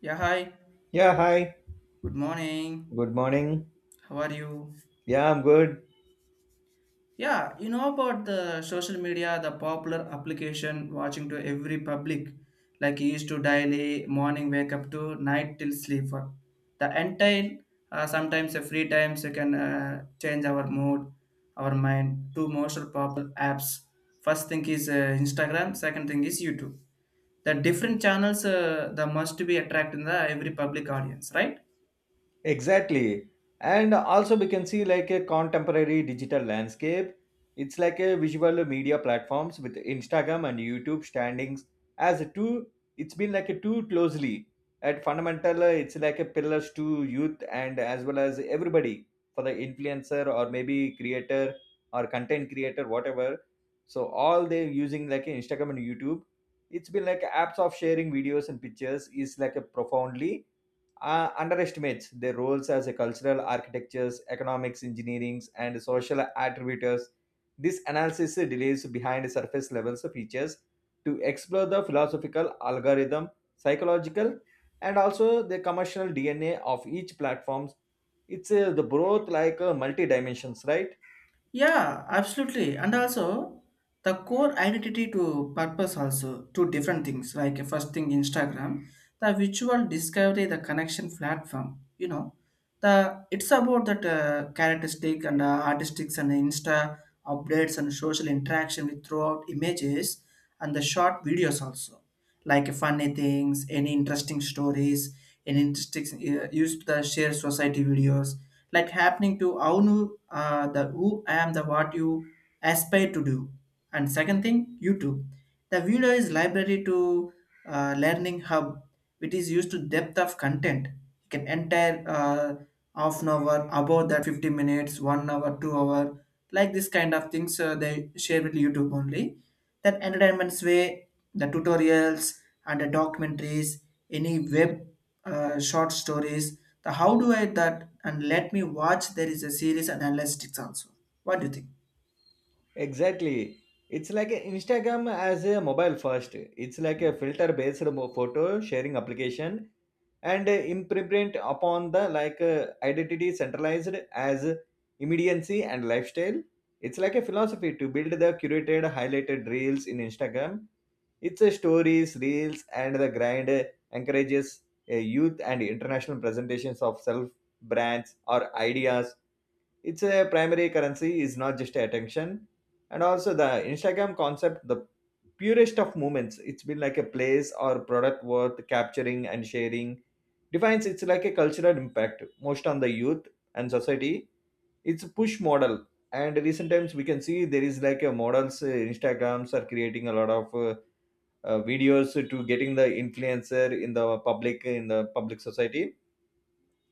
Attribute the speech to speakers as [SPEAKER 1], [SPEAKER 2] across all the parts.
[SPEAKER 1] Yeah, hi.
[SPEAKER 2] Yeah, hi.
[SPEAKER 1] Good morning.
[SPEAKER 2] Good morning.
[SPEAKER 1] How are you?
[SPEAKER 2] Yeah, I'm good.
[SPEAKER 1] Yeah, you know about the social media, the popular application watching to every public, like he used to daily morning wake up to night till sleep. For the entire sometimes the free times you can change our mood, our mind. Two most popular apps. First thing is Instagram. Second thing is YouTube. The different channels the must be attracting the every public audience, right?
[SPEAKER 2] Exactly. And also we can see like a contemporary digital landscape. It's like a visual media platforms with Instagram and YouTube standings as a two, it's been like a two closely at fundamental, it's like a pillars to youth and as well as everybody for the influencer or maybe creator or content creator whatever. So all they're using like Instagram and YouTube. It's been like apps of sharing videos and pictures is like a profoundly underestimates their roles as a cultural architectures, economics, engineerings, and social attributors. This analysis delays behind surface levels of features to explore the philosophical algorithm, psychological, and also the commercial DNA of each platforms. It's the growth like multi dimensions, right?
[SPEAKER 1] Yeah, absolutely. And also the core identity to purpose also two different things. Like first thing Instagram, the visual discovery, the connection platform. You know, the it's about that characteristic and artistics and Insta updates and social interaction with throughout images and the short videos also. Like funny things, any interesting stories, any interesting used to the share society videos like happening to how new, the who I am, the what you aspire to do. And second thing, YouTube. The video is library to learning hub, which is used to depth of content. You can entire half an hour, about that 50 minutes, 1 hour, 2 hour, like this kind of things they share with YouTube only. That entertainment's way, the tutorials and the documentaries, any web short stories. The how do I that and let me watch there is a series and analytics also. What do you think?
[SPEAKER 2] Exactly. It's like a Instagram as a mobile first. It's like a filter based photo sharing application and imprint upon the like identity centralized as immediacy and lifestyle. It's like a philosophy to build the curated highlighted reels in Instagram. It's a stories reels and the grind, encourages youth and international presentations of self, brands or ideas. It's a primary currency is not just attention, and also the Instagram concept, the purest of moments. It's been like a place or product worth capturing and sharing. Defines it's like a cultural impact most on the youth and society. It's a push model, and recent times we can see there is like a models. Instagrams are creating a lot of. Videos to getting the influencer in the public society.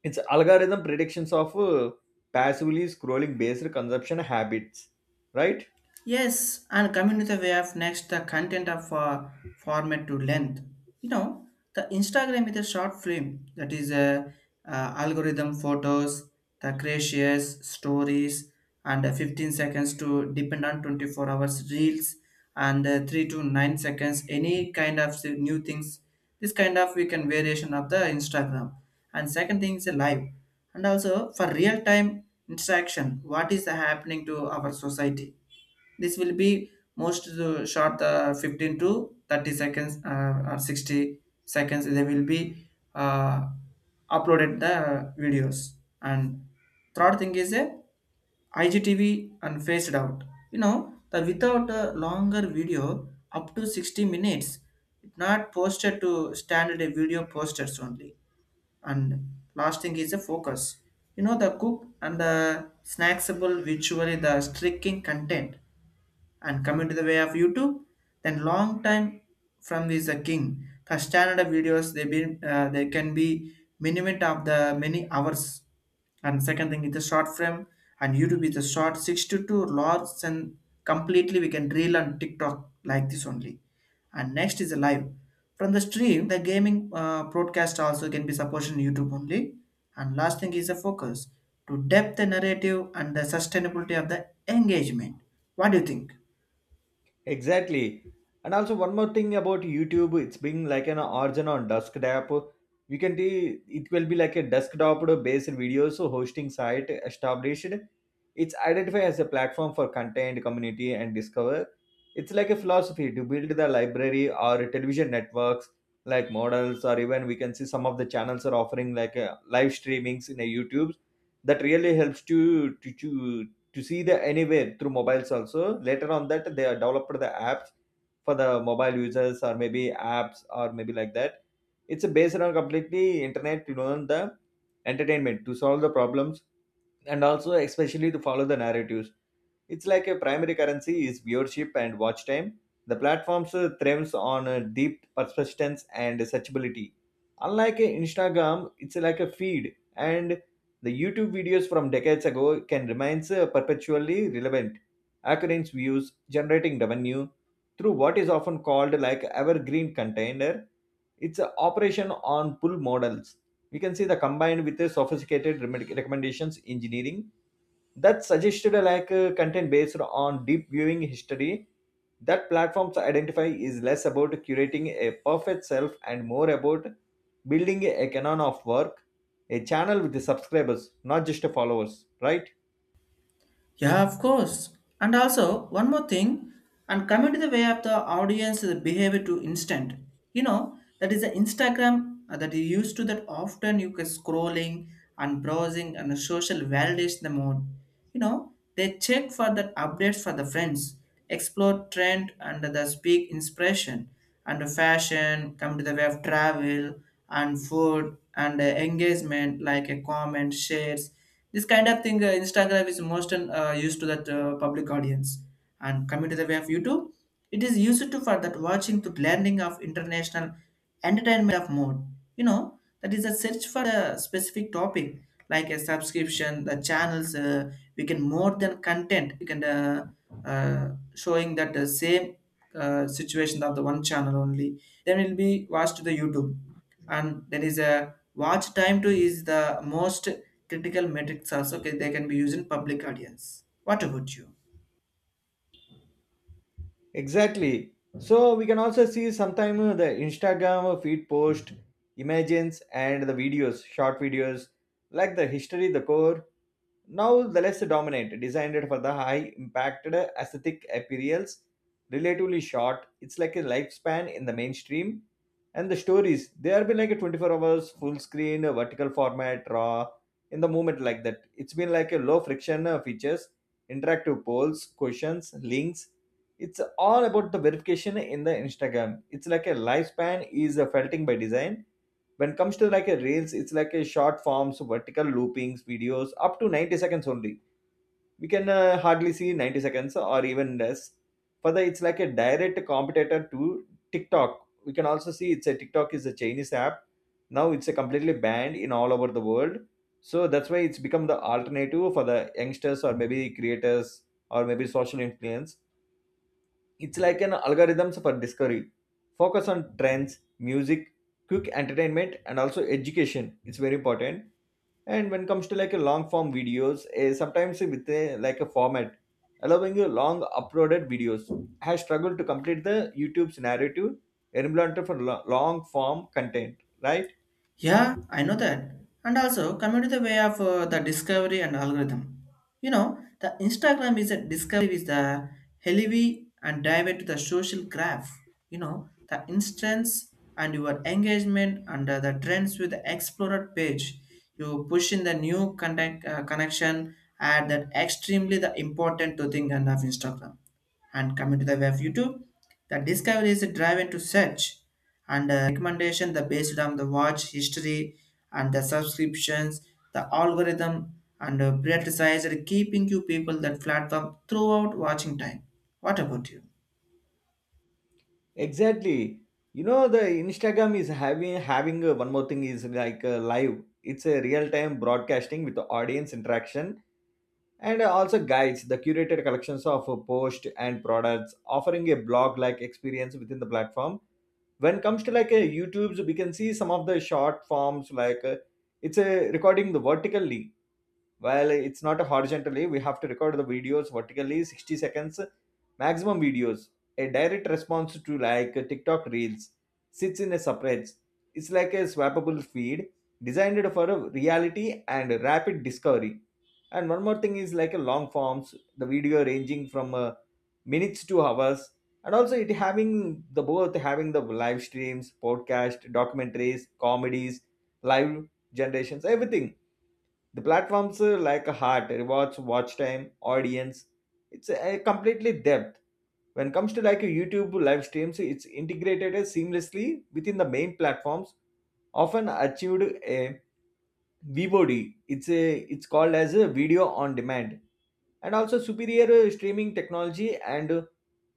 [SPEAKER 2] Its algorithm predictions of passively scrolling based consumption habits, right?
[SPEAKER 1] Yes, and coming to the way of next, the content of format to length. You know, the Instagram is a short film that is a algorithm photos, the gracious stories, and 15 seconds to depend on 24 hours reels and 3 to 9 seconds any kind of new things, this kind of we can variation of the instagram, and second thing is a live and also for real time interaction what is happening to our society. This will be most short 15 to 30 seconds or 60 seconds. They will be uh, uploaded the videos. And third thing is a IGTV and phased out. You know, the without a longer video up to 60 minutes, it not posted to standard video posters only. And last thing is the focus. You know, the cook and the snacksable visually the streaking content, and come into the way of YouTube, then long time from is the king. The standard of videos they be they can be minimum of the many hours. And second thing is the short frame, and YouTube is the short six to two large and completely we can reel on TikTok like this only. And next is the live. From the stream, the gaming broadcast also can be supported in YouTube only. And last thing is the focus to depth the narrative and the sustainability of the engagement. What do you think?
[SPEAKER 2] Exactly. And also one more thing about YouTube, it's being like an origin on desktop. We can see it will be like a desktop based videos hosting site established. It's identified as a platform for content, community, and discover. It's like a philosophy to build the library or television networks like models, or even we can see some of the channels are offering like a live streamings in a YouTube that really helps to see the anywhere through mobiles also. Later on that they are developed the apps for the mobile users or maybe apps or maybe like that. It's based on completely internet, you know, the entertainment to solve the problems and also especially to follow the narratives. It's like a primary currency is viewership and watch time. The platforms thrives on deep persistence and searchability. Unlike Instagram, it's like a feed, and the YouTube videos from decades ago can remain perpetually relevant. Occurrence views, generating revenue through what is often called like evergreen container. It's an operation on pull models. We can see the combined with the sophisticated recommendations engineering that suggested like content based on deep viewing history. That platforms identify is less about curating a perfect self and more about building a canon of work, a channel with the subscribers, not just the followers, right?
[SPEAKER 1] Yeah, of course. And also, one more thing, and coming to the way of the audience, the behavior to instant. You know, that is the Instagram that you used to that often you can scrolling and browsing and the social validation the mode. You know, they check for that updates for the friends, explore trend and the speak inspiration and the fashion, come to the way of travel and food and engagement like a comment, shares, this kind of thing, Instagram is most used to that public audience. And coming to the way of YouTube, it is used to for that watching to blending of international entertainment of mode. You know, that is a search for a specific topic like a subscription, the channels. We can more than content. We can uh, showing that the same situation of the one channel only. Then it will be watched to the YouTube, and there is a watch time to is the most critical metrics also they can be used in public audience. What about you?
[SPEAKER 2] Exactly. So we can also see sometime the Instagram feed post images and the videos short videos like the history, the core. Now the less dominant, designed for the high impacted aesthetic appeals, relatively short. It's like a lifespan in the mainstream. And the stories, they have been like a 24 hours full screen, vertical format, raw, in the moment like that. It's been like a low friction features, interactive polls, questions, links. It's all about the verification in the Instagram. It's like a lifespan is felting by design. When it comes to like a reels, it's like a short forms vertical loopings videos up to 90 seconds only. We can hardly see 90 seconds or even less. Further, it's like a direct competitor to TikTok. We can also see it's a TikTok is a Chinese app. Now it's a completely banned in all over the world. So that's why it's become the alternative for the youngsters or maybe creators or maybe social influence. It's like an algorithms for discovery. Focus on trends, music, quick entertainment, and also education. It's very important. And when it comes to like a long form videos, eh, sometimes with a, like a format allowing you long uploaded videos, has struggled to complete the YouTube's narrative implemented for long form content, right?
[SPEAKER 1] Yeah, I know that. And also coming to the way of the discovery and algorithm. You know, the Instagram is a discovery is the heavy and dive into the social graph. You know, the instance and your engagement under the trends with the explorer page. You push in the new contact, connection at that extremely the important to thing and of Instagram, and coming to the way of YouTube, the discovery is a drive into search and recommendation the based on the watch history and the subscriptions, the algorithm and prioritized keeping you people that platform throughout watching time. What about you?
[SPEAKER 2] Exactly. You know the Instagram is having one more thing is like live. It's a real time broadcasting with the audience interaction, and also guides the curated collections of posts and products offering a blog like experience within the platform. When it comes to like a YouTube, we can see some of the short forms like it's a recording the vertically, while it's not horizontally. We have to record the videos vertically 60 seconds maximum videos, a direct response to like TikTok reels, sits in a separate. It's like a swappable feed designed for a reality and rapid discovery. And one more thing is like a long forms, the video ranging from minutes to hours. And also it having the both having the live streams, podcast, documentaries, comedies, live generations, everything. The platforms, like a heart, rewards, watch time, audience. It's a completely depth. When it comes to like a YouTube live streams, it's integrated as seamlessly within the main platforms, often achieved a VOD. It's called as a video on demand, and also superior streaming technology and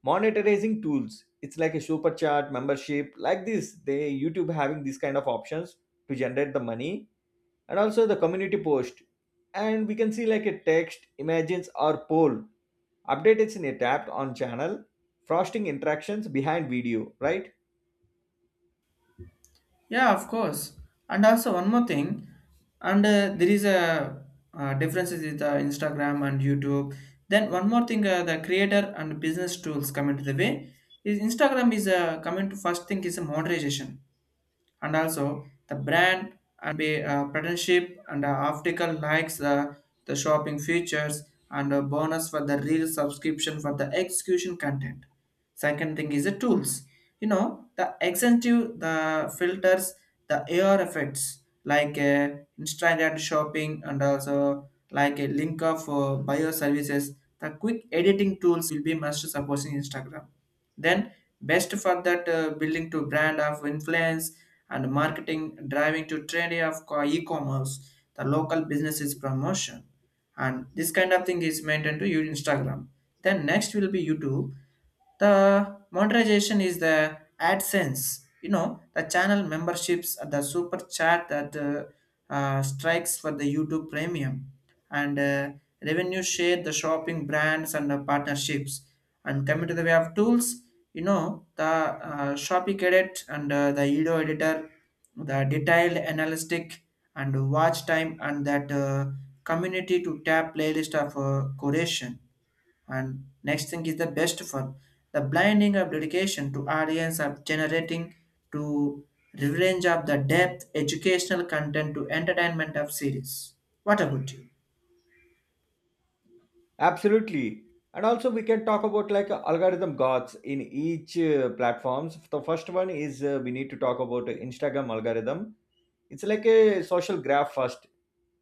[SPEAKER 2] monetizing tools. It's like a super chat membership, like this. They YouTube having these kind of options to generate the money, and also the community post. And we can see like a text images or poll updated in a tab on channel, frosting interactions behind video, right?
[SPEAKER 1] Yeah, of course. And also one more thing, and there is a differences with Instagram and YouTube. Then one more thing, the creator and business tools come into the way. Is Instagram is coming to first thing is a monetization and also the brand and be partnership and optical likes, the shopping features and a bonus for the real subscription for the execution content. Second thing is the tools. You know, the extensive the filters, the AR effects like instant shopping and also like a link of bio services, the quick editing tools will be must supporting instagram, then best for that building to brand of influence and marketing driving to trendy of e-commerce, the local businesses promotion. And this kind of thing is maintained to your Instagram. Then next will be YouTube. The monetization is the AdSense. You know the channel memberships, the super chat that strikes for the YouTube Premium, and revenue share, the shopping brands and the partnerships, and coming to the way of tools, you know the shopee cadet and the edo editor, the detailed analytic and watch time and that community to tap playlist of curation, and next thing is the best for the blinding of dedication to audience of generating to revenge of the depth educational content to entertainment of series. What about you?
[SPEAKER 2] Absolutely. And also we can talk about like algorithm gods in each platforms. The first one is, we need to talk about Instagram algorithm. It's like a social graph first.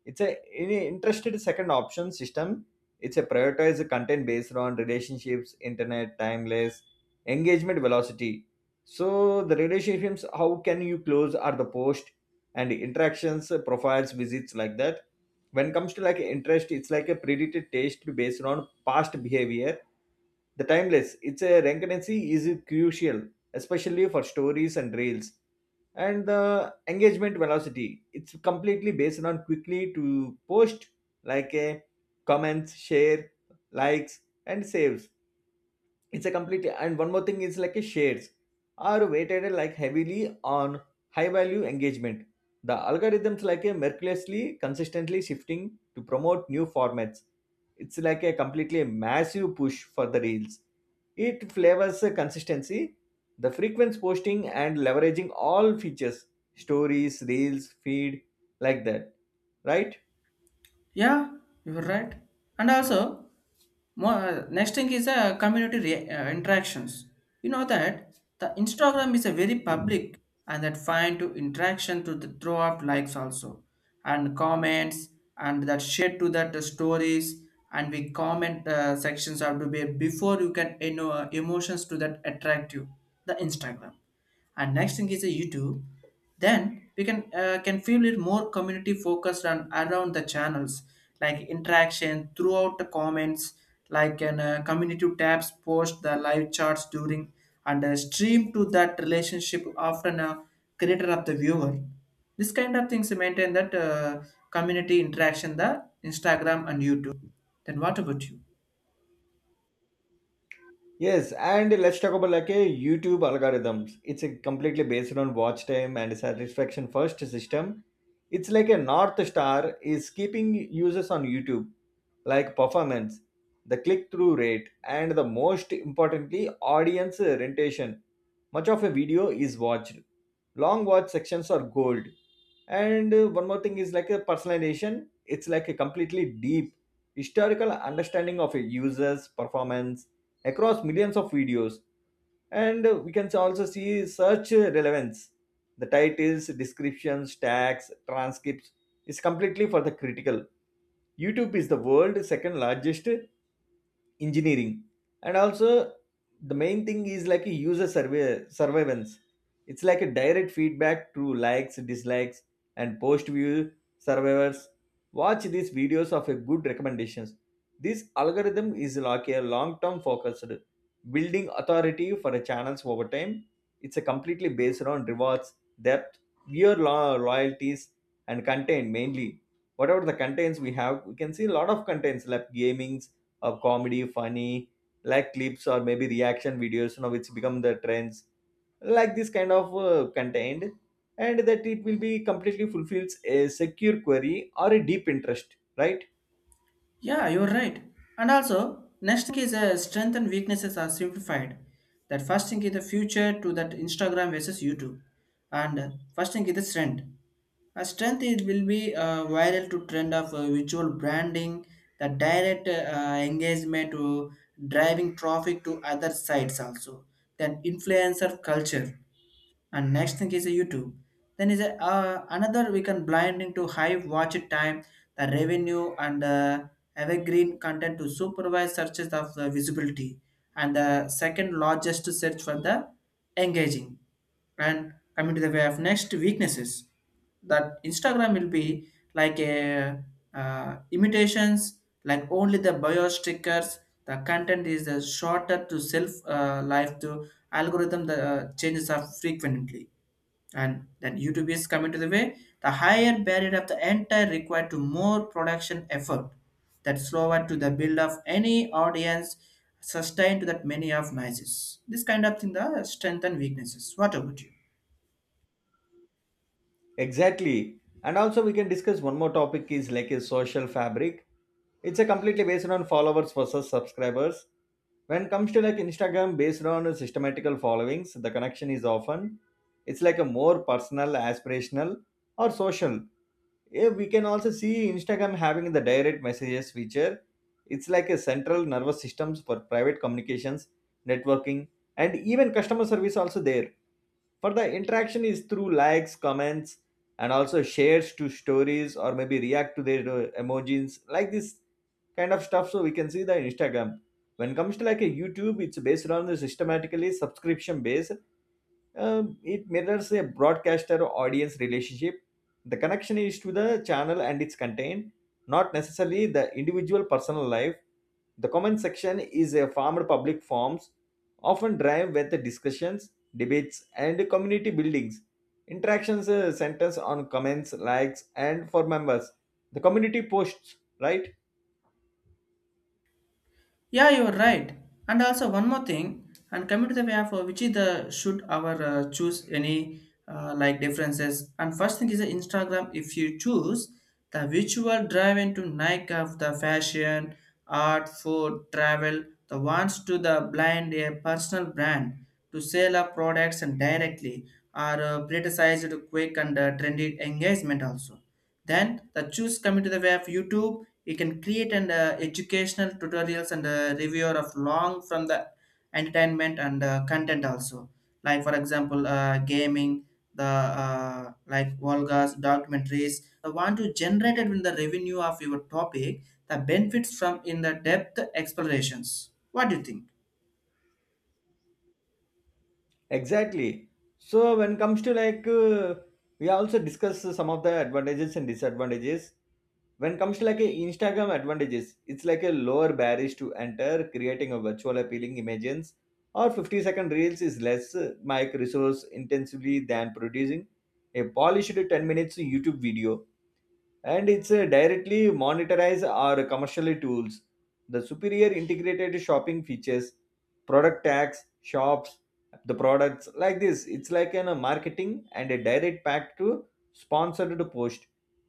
[SPEAKER 2] It's a any interested second option system. It's a prioritized content based on relationships, internet timeless, engagement velocity. So the relationships, how can you close are the post and interactions, profiles visits, like that. When it comes to like interest, it's like a predicted taste based on past behavior. The timeless, its a recurrency is crucial, especially for stories and reels. And the engagement velocity, it's completely based on quickly to post like a comments, share, likes, and saves. It's a complete. And one more thing is like a shares are weighted like heavily on high value engagement. The algorithms like a mercilessly consistently shifting to promote new formats. It's like a completely massive push for the reels. It flavors the consistency, the frequent posting and leveraging all features, stories, reels, feed, like that, right?
[SPEAKER 1] Yeah, you're right. And also more, next thing is community interactions. You know that the Instagram is a very public and that find to interaction to the, throw up likes also and comments and that share to that stories, and we comment sections have to be before you can you know emotions to that attract you the Instagram, and next thing is a youtube, then we can feel it more community focused and around the channels like interaction throughout the comments like an community tabs post the live charts during and stream to that relationship often a creator of the viewer, this kind of things maintain that community interaction the instagram and youtube. Then what about you?
[SPEAKER 2] Yes, and let's talk about like a YouTube algorithms. It's a completely based on watch time and satisfaction first system. It's like a north star is keeping users on YouTube, like performance, the click through rate, and the most importantly, audience retention. Much of a video is watched. Long watch sections are gold. And one more thing is like a personalization. It's like a completely deep historical understanding of a user's performance across millions of videos. And we can also see search relevance. The titles, descriptions, tags, transcripts is completely for the critical. YouTube is the world's second largest engineering, and also the main thing is like a user survey surveillance. It's like a direct feedback through likes, dislikes, and post view survivors. Watch these videos of a good recommendations. This algorithm is like a long term focused, building authority for the channels over time. It's a completely based on rewards, depth, viewer loyalties, and content mainly. Whatever the contents we have, we can see a lot of contents like gamings of comedy, funny, like clips or maybe reaction videos, you know, which become the trends, like this kind of content, and that it will be completely fulfills a secure query or a deep interest, right?
[SPEAKER 1] Yeah, you're right. And also, next thing is strength and weaknesses are simplified. That first thing is the future to that Instagram versus YouTube. And first thing is the strength. A strength is, will be viral to trend of visual branding, the direct engagement to driving traffic to other sites also. Then influencer culture, and next thing is a youtube, then is a, another we can blinding to high watch time the revenue and evergreen content to supervise searches of the visibility and the second largest search for the engaging, and coming to the way of next weaknesses that instagram will be like a imitations like only the bio stickers, the content is the shorter to self life to algorithm the changes are frequently, and then youtube is coming to the way, the higher barrier of the entire required to more production effort that slower to the build of any audience sustained to that many of noises, this kind of thing the strength and weaknesses. What about you?
[SPEAKER 2] Exactly. And also, we can discuss one more topic is like a social fabric. It's a completely based on followers versus subscribers. When comes to like Instagram, based on systematical followings, the connection is often it's like a more personal, aspirational, or social. Yeah, we can also see Instagram having the direct messages feature. It's like a central nervous systems for private communications, networking, and even customer service also there. For the interaction is through likes, comments, and also shares to stories or maybe react to their emojis, like this kind of stuff. So we can see the Instagram. When it comes to like a YouTube, it's based on the systematically subscription base. It mirrors a broadcaster audience relationship. The connection is to the channel and its content, not necessarily the individual personal life. The comment section is a formed public forums, often drive with the discussions, debates, and community buildings. Interactions centers on comments, likes, and for members. The community posts, right?
[SPEAKER 1] Yeah, you're right. And also one more thing, and coming to the way of which is the should our choose any like differences. And first thing is the Instagram. If you choose the visual drive into Nike of the fashion, art, food, travel, the ones to the blind a personal brand to sell our products and directly are criticized quick and trendy engagement also, then the choose coming to the way of YouTube, you can create and educational tutorials and reviewer of long from the entertainment and content also. Like for example, gaming, the like Volgas documentaries. The want to generate it in the revenue of your topic, the benefits from in the depth explorations. What do you think?
[SPEAKER 2] Exactly. So when comes to we also discuss some of the advantages and disadvantages. When comes to like a Instagram advantages, it's like a lower barriers to enter, creating a virtual appealing images or 50-second reels is less mic resource intensively than producing a polished 10 minutes YouTube video, and it's directly monetized or commercially tools. The superior integrated shopping features, product tags, shops, the products like this. It's like an, a marketing and a direct pack to sponsored post.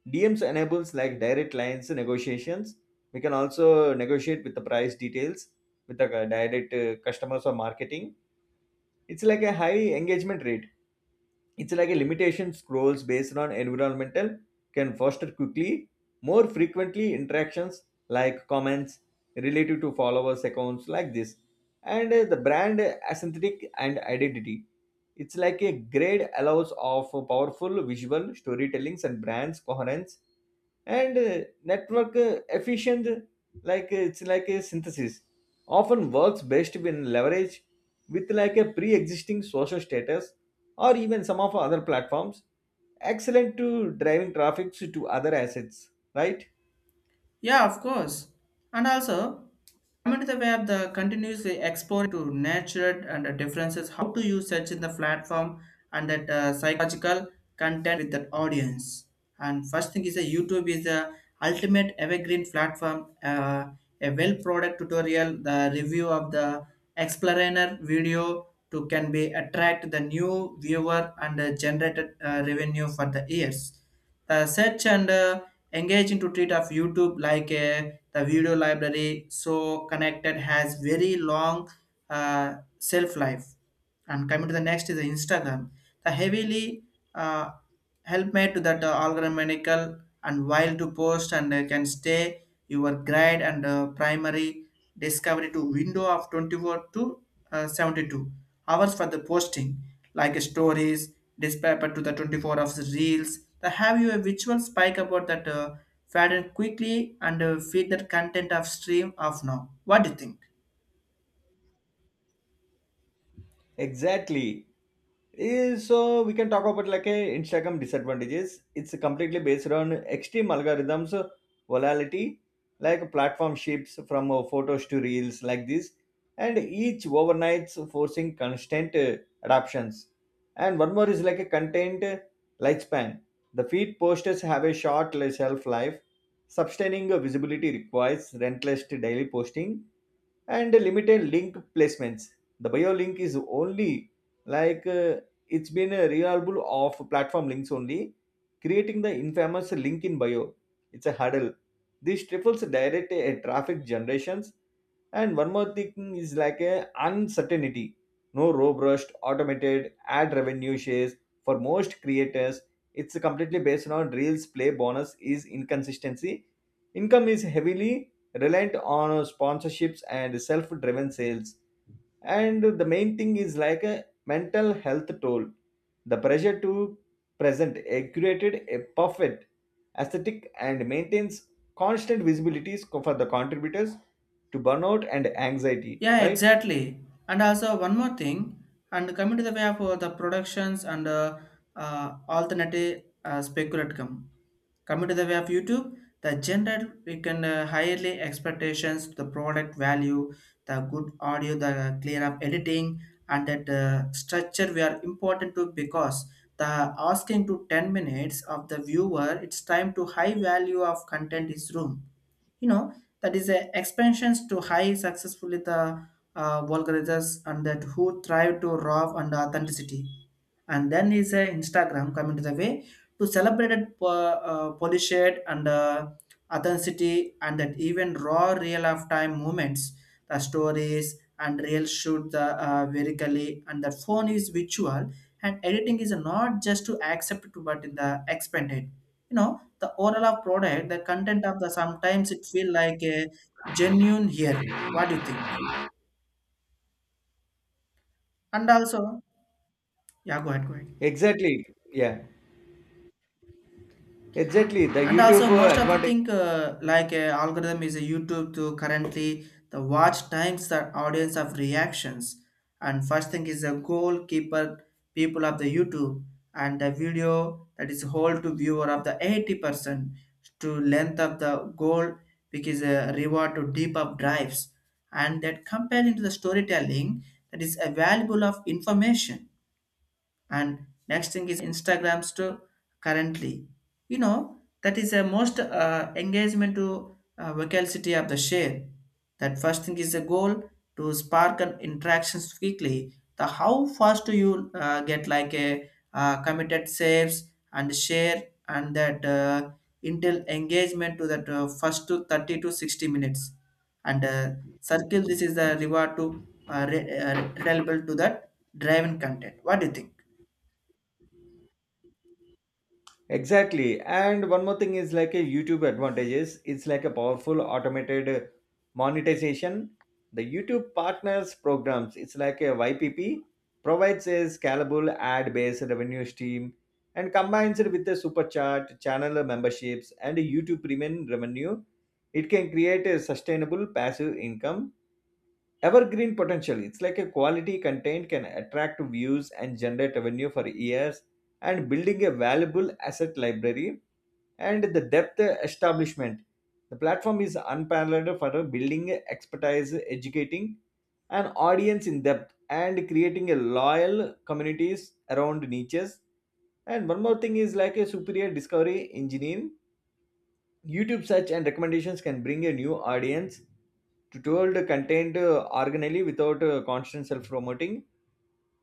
[SPEAKER 2] DMs enables like direct lines negotiations. We can also negotiate with the price details with the direct customers or marketing. It's like a high engagement rate, it's like a limitation scrolls based on environmental, can foster quickly more frequently interactions like comments related to followers accounts like this, and the brand aesthetic and identity, it's like a grade allows of powerful visual storytellings and brands coherence, and network efficient, like it's like a synthesis often works best when leveraged with like a pre-existing social status or even some of other platforms, excellent to driving traffic to other assets, right?
[SPEAKER 1] Yeah, of course. And also, I'm into the web the continuously exploring to nature and the differences how to use such in the platform and that psychological content with the audience. And first thing is that YouTube is the ultimate evergreen platform, a well product tutorial, the review of the explainer video to can be attract the new viewer and generated revenue for the years, the search and engage into treat of YouTube like the video library, so connected has very long self life. And coming to the next is the Instagram, the heavily uh, help made to that algorithmical and while to post and can stay your grade and primary discovery to window of 24 to 72 hours for the posting like stories dispatch to the 24 of the reels, the have you a visual spike about that pattern quickly and feed that content of stream of now. What do you think?
[SPEAKER 2] Exactly. So we can talk about like a Instagram disadvantages. It's completely based on extreme algorithms, volatility, like platform shifts from photos to reels like this, and each overnight's forcing constant adoptions. And one more is like a content lifespan. The feed posters have a short shelf life. Sustaining visibility requires relentless daily posting and limited link placements. The bio link is only like uh, it's been a reliable of platform links only, creating the infamous link in bio. It's a hurdle. This triples direct traffic generations. And one more thing is like a uncertainty. No robust automated ad revenue shares for most creators. It's completely based on reels play bonus is inconsistency. Income is heavily reliant on sponsorships and self-driven sales. And the main thing is like a mental health toll. The pressure to present a curated, a perfect aesthetic and maintains constant visibilities for the contributors to burnout and anxiety,
[SPEAKER 1] Yeah,
[SPEAKER 2] right?
[SPEAKER 1] exactly. And also one more thing, and coming to the way of the productions and alternative speculatum. Coming to the way of YouTube, the general we can highly expectations to the product value, the good audio, the clear of editing, and that structure we are important to, because the asking to 10 minutes of the viewer, it's time to high value of content is room you know that is a expansions to high successfully the vulgarizers and that who thrive to raw and authenticity. And then is a Instagram, coming to the way to celebrate it, polish it and authenticity and that even raw real of time moments, the stories and real shoot the vertically and the phone is visual, and editing is not just to accept it, but in the expanded you know the overall product, the content of the sometimes it feel like a genuine here. What do you think? And also, yeah, go ahead, go ahead.
[SPEAKER 2] Exactly. Yeah. Exactly. The
[SPEAKER 1] And
[SPEAKER 2] YouTube
[SPEAKER 1] also most of the
[SPEAKER 2] advantage.
[SPEAKER 1] thing algorithm is a YouTube to currently the watch times the audience of reactions. And first thing is a goalkeeper people of the YouTube, and the video that is hold to viewer of the 80% to length of the goal, which is a reward to deep up drives and that compared into the storytelling that is available of information. And next thing is Instagram store currently, you know that is the most engagement to vocality of the share. That first thing is the goal to spark an interactions quickly, the how fast do you get like a committed saves and share, and that intel engagement to that first to 30 to 60 minutes, and circle this is the reward to reliable to that driven content. What do you think?
[SPEAKER 2] Exactly. And one more thing is like a YouTube advantages. It's like a powerful automated monetization. The YouTube partners programs, it's like a YPP, provides a scalable ad-based revenue stream and combines it with the super chat, channel memberships, and YouTube premium revenue. It can create a sustainable passive income, evergreen potential. It's like a quality content can attract views and generate revenue for years and building a valuable asset library. And the depth establishment, the platform is unparalleled for building expertise, educating an audience in depth and creating a loyal communities around niches. And one more thing is like a superior discovery engine. YouTube search and recommendations can bring a new audience. Tutorial contained organally without constant self-promoting,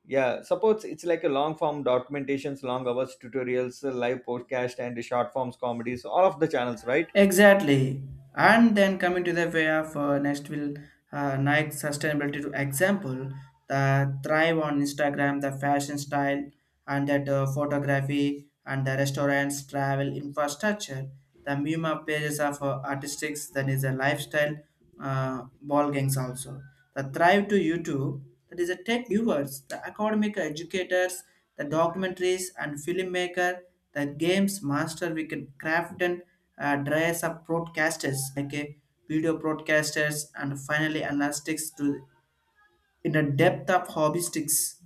[SPEAKER 2] yeah, supports it's like a long form documentations, long hours tutorials, live podcast and short forms comedies, all of the channels, right?
[SPEAKER 1] Exactly. And then coming to the way of next will Nike sustainability to example, the thrive on Instagram, the fashion style, and that photography and the restaurants, travel infrastructure, the Mima pages of artistics that is a lifestyle ball gangs also. The thrive to YouTube, that is a tech viewers, the academic educators, the documentaries and filmmaker, the games master we can craft dress up broadcasters like video broadcasters and finally analytics to in a depth of hobbyistics.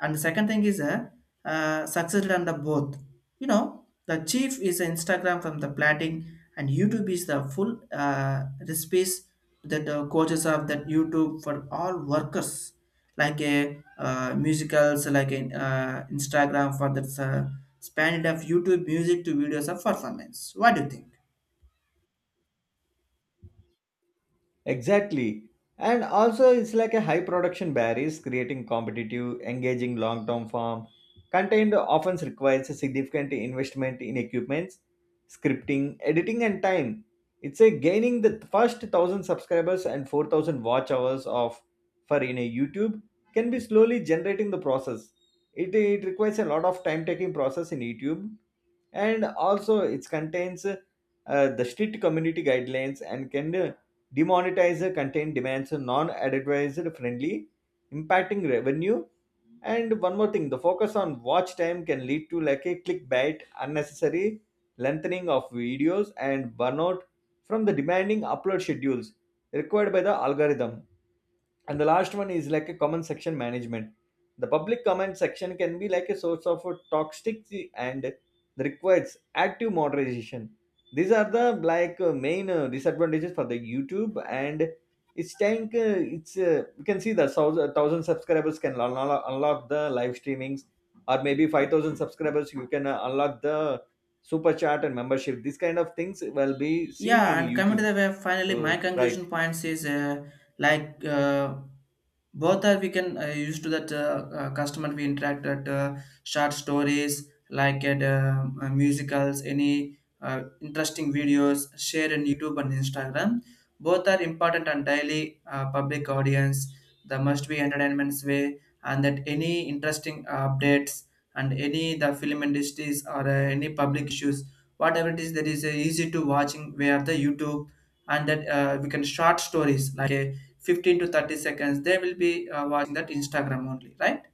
[SPEAKER 1] And the second thing is successful on the both. The chief is Instagram from the platting, and YouTube is the full recipes, that the coaches of that YouTube for all workers like a musicals like in Instagram for the span of YouTube music to videos of performance. What do you think?
[SPEAKER 2] Exactly. And also, it's like a high production barriers creating competitive, engaging long term form. Content often requires a significant investment in equipments, scripting, editing, and time. It's a gaining the first 1,000 subscribers and 4,000 watch hours of for in a YouTube can be slowly generating the process. It requires a lot of time taking process in YouTube. And also it contains the strict community guidelines and can demonetize content demands non-advertiser friendly, impacting revenue. And one more thing, the focus on watch time can lead to like a clickbait, unnecessary lengthening of videos, and burnout from the demanding upload schedules required by the algorithm. And the last one is like a comment section management. The public comment section can be like a source of toxicity and requires active moderation. These are the main disadvantages for the YouTube. And it's tank it's you can see that thousand, thousand subscribers can unlock the live streamings, or maybe 5,000 subscribers you can unlock the super chat and membership. These kind of things will be seen in
[SPEAKER 1] Yeah, and coming to
[SPEAKER 2] YouTube.
[SPEAKER 1] the way finally my
[SPEAKER 2] So right.
[SPEAKER 1] conclusion points is like both are we can use to that customer we interact at short stories like at musicals, any interesting videos share in YouTube and Instagram. Both are important, and daily public audience the must be entertainment's way, and that any interesting updates and any the film industries or any public issues, whatever it is, that is easy to watching where the YouTube, and that we can short stories like a 15 to 30 seconds, they will be watching that Instagram only. Right,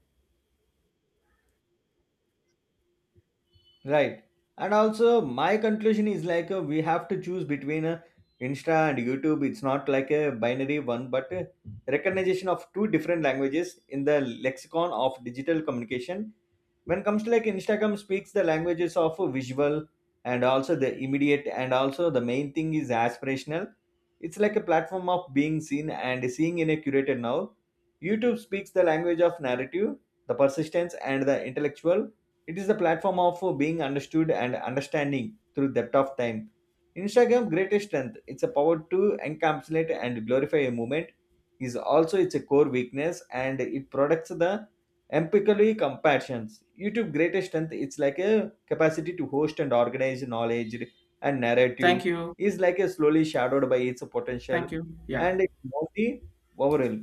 [SPEAKER 2] Right. And also, my conclusion is we have to choose between Insta and YouTube. It's not like a binary one, but recognition of two different languages in the lexicon of digital communication. When comes to like Instagram speaks the languages of visual, and also the immediate, and also the main thing is aspirational. It's like a platform of being seen and seeing in a curated now. YouTube speaks the language of narrative, the persistence, and the intellectual. It is the platform of being understood and understanding through depth of time. Instagram greatest strength, its a power to encapsulate and glorify a movement, is also its core weakness, and it products the empirically comparisons. YouTube greatest strength, it's like a capacity to host and organize knowledge and narrative
[SPEAKER 1] thank you.
[SPEAKER 2] is like a slowly shadowed by its potential
[SPEAKER 1] Thank you. Yeah.
[SPEAKER 2] and it's only overall.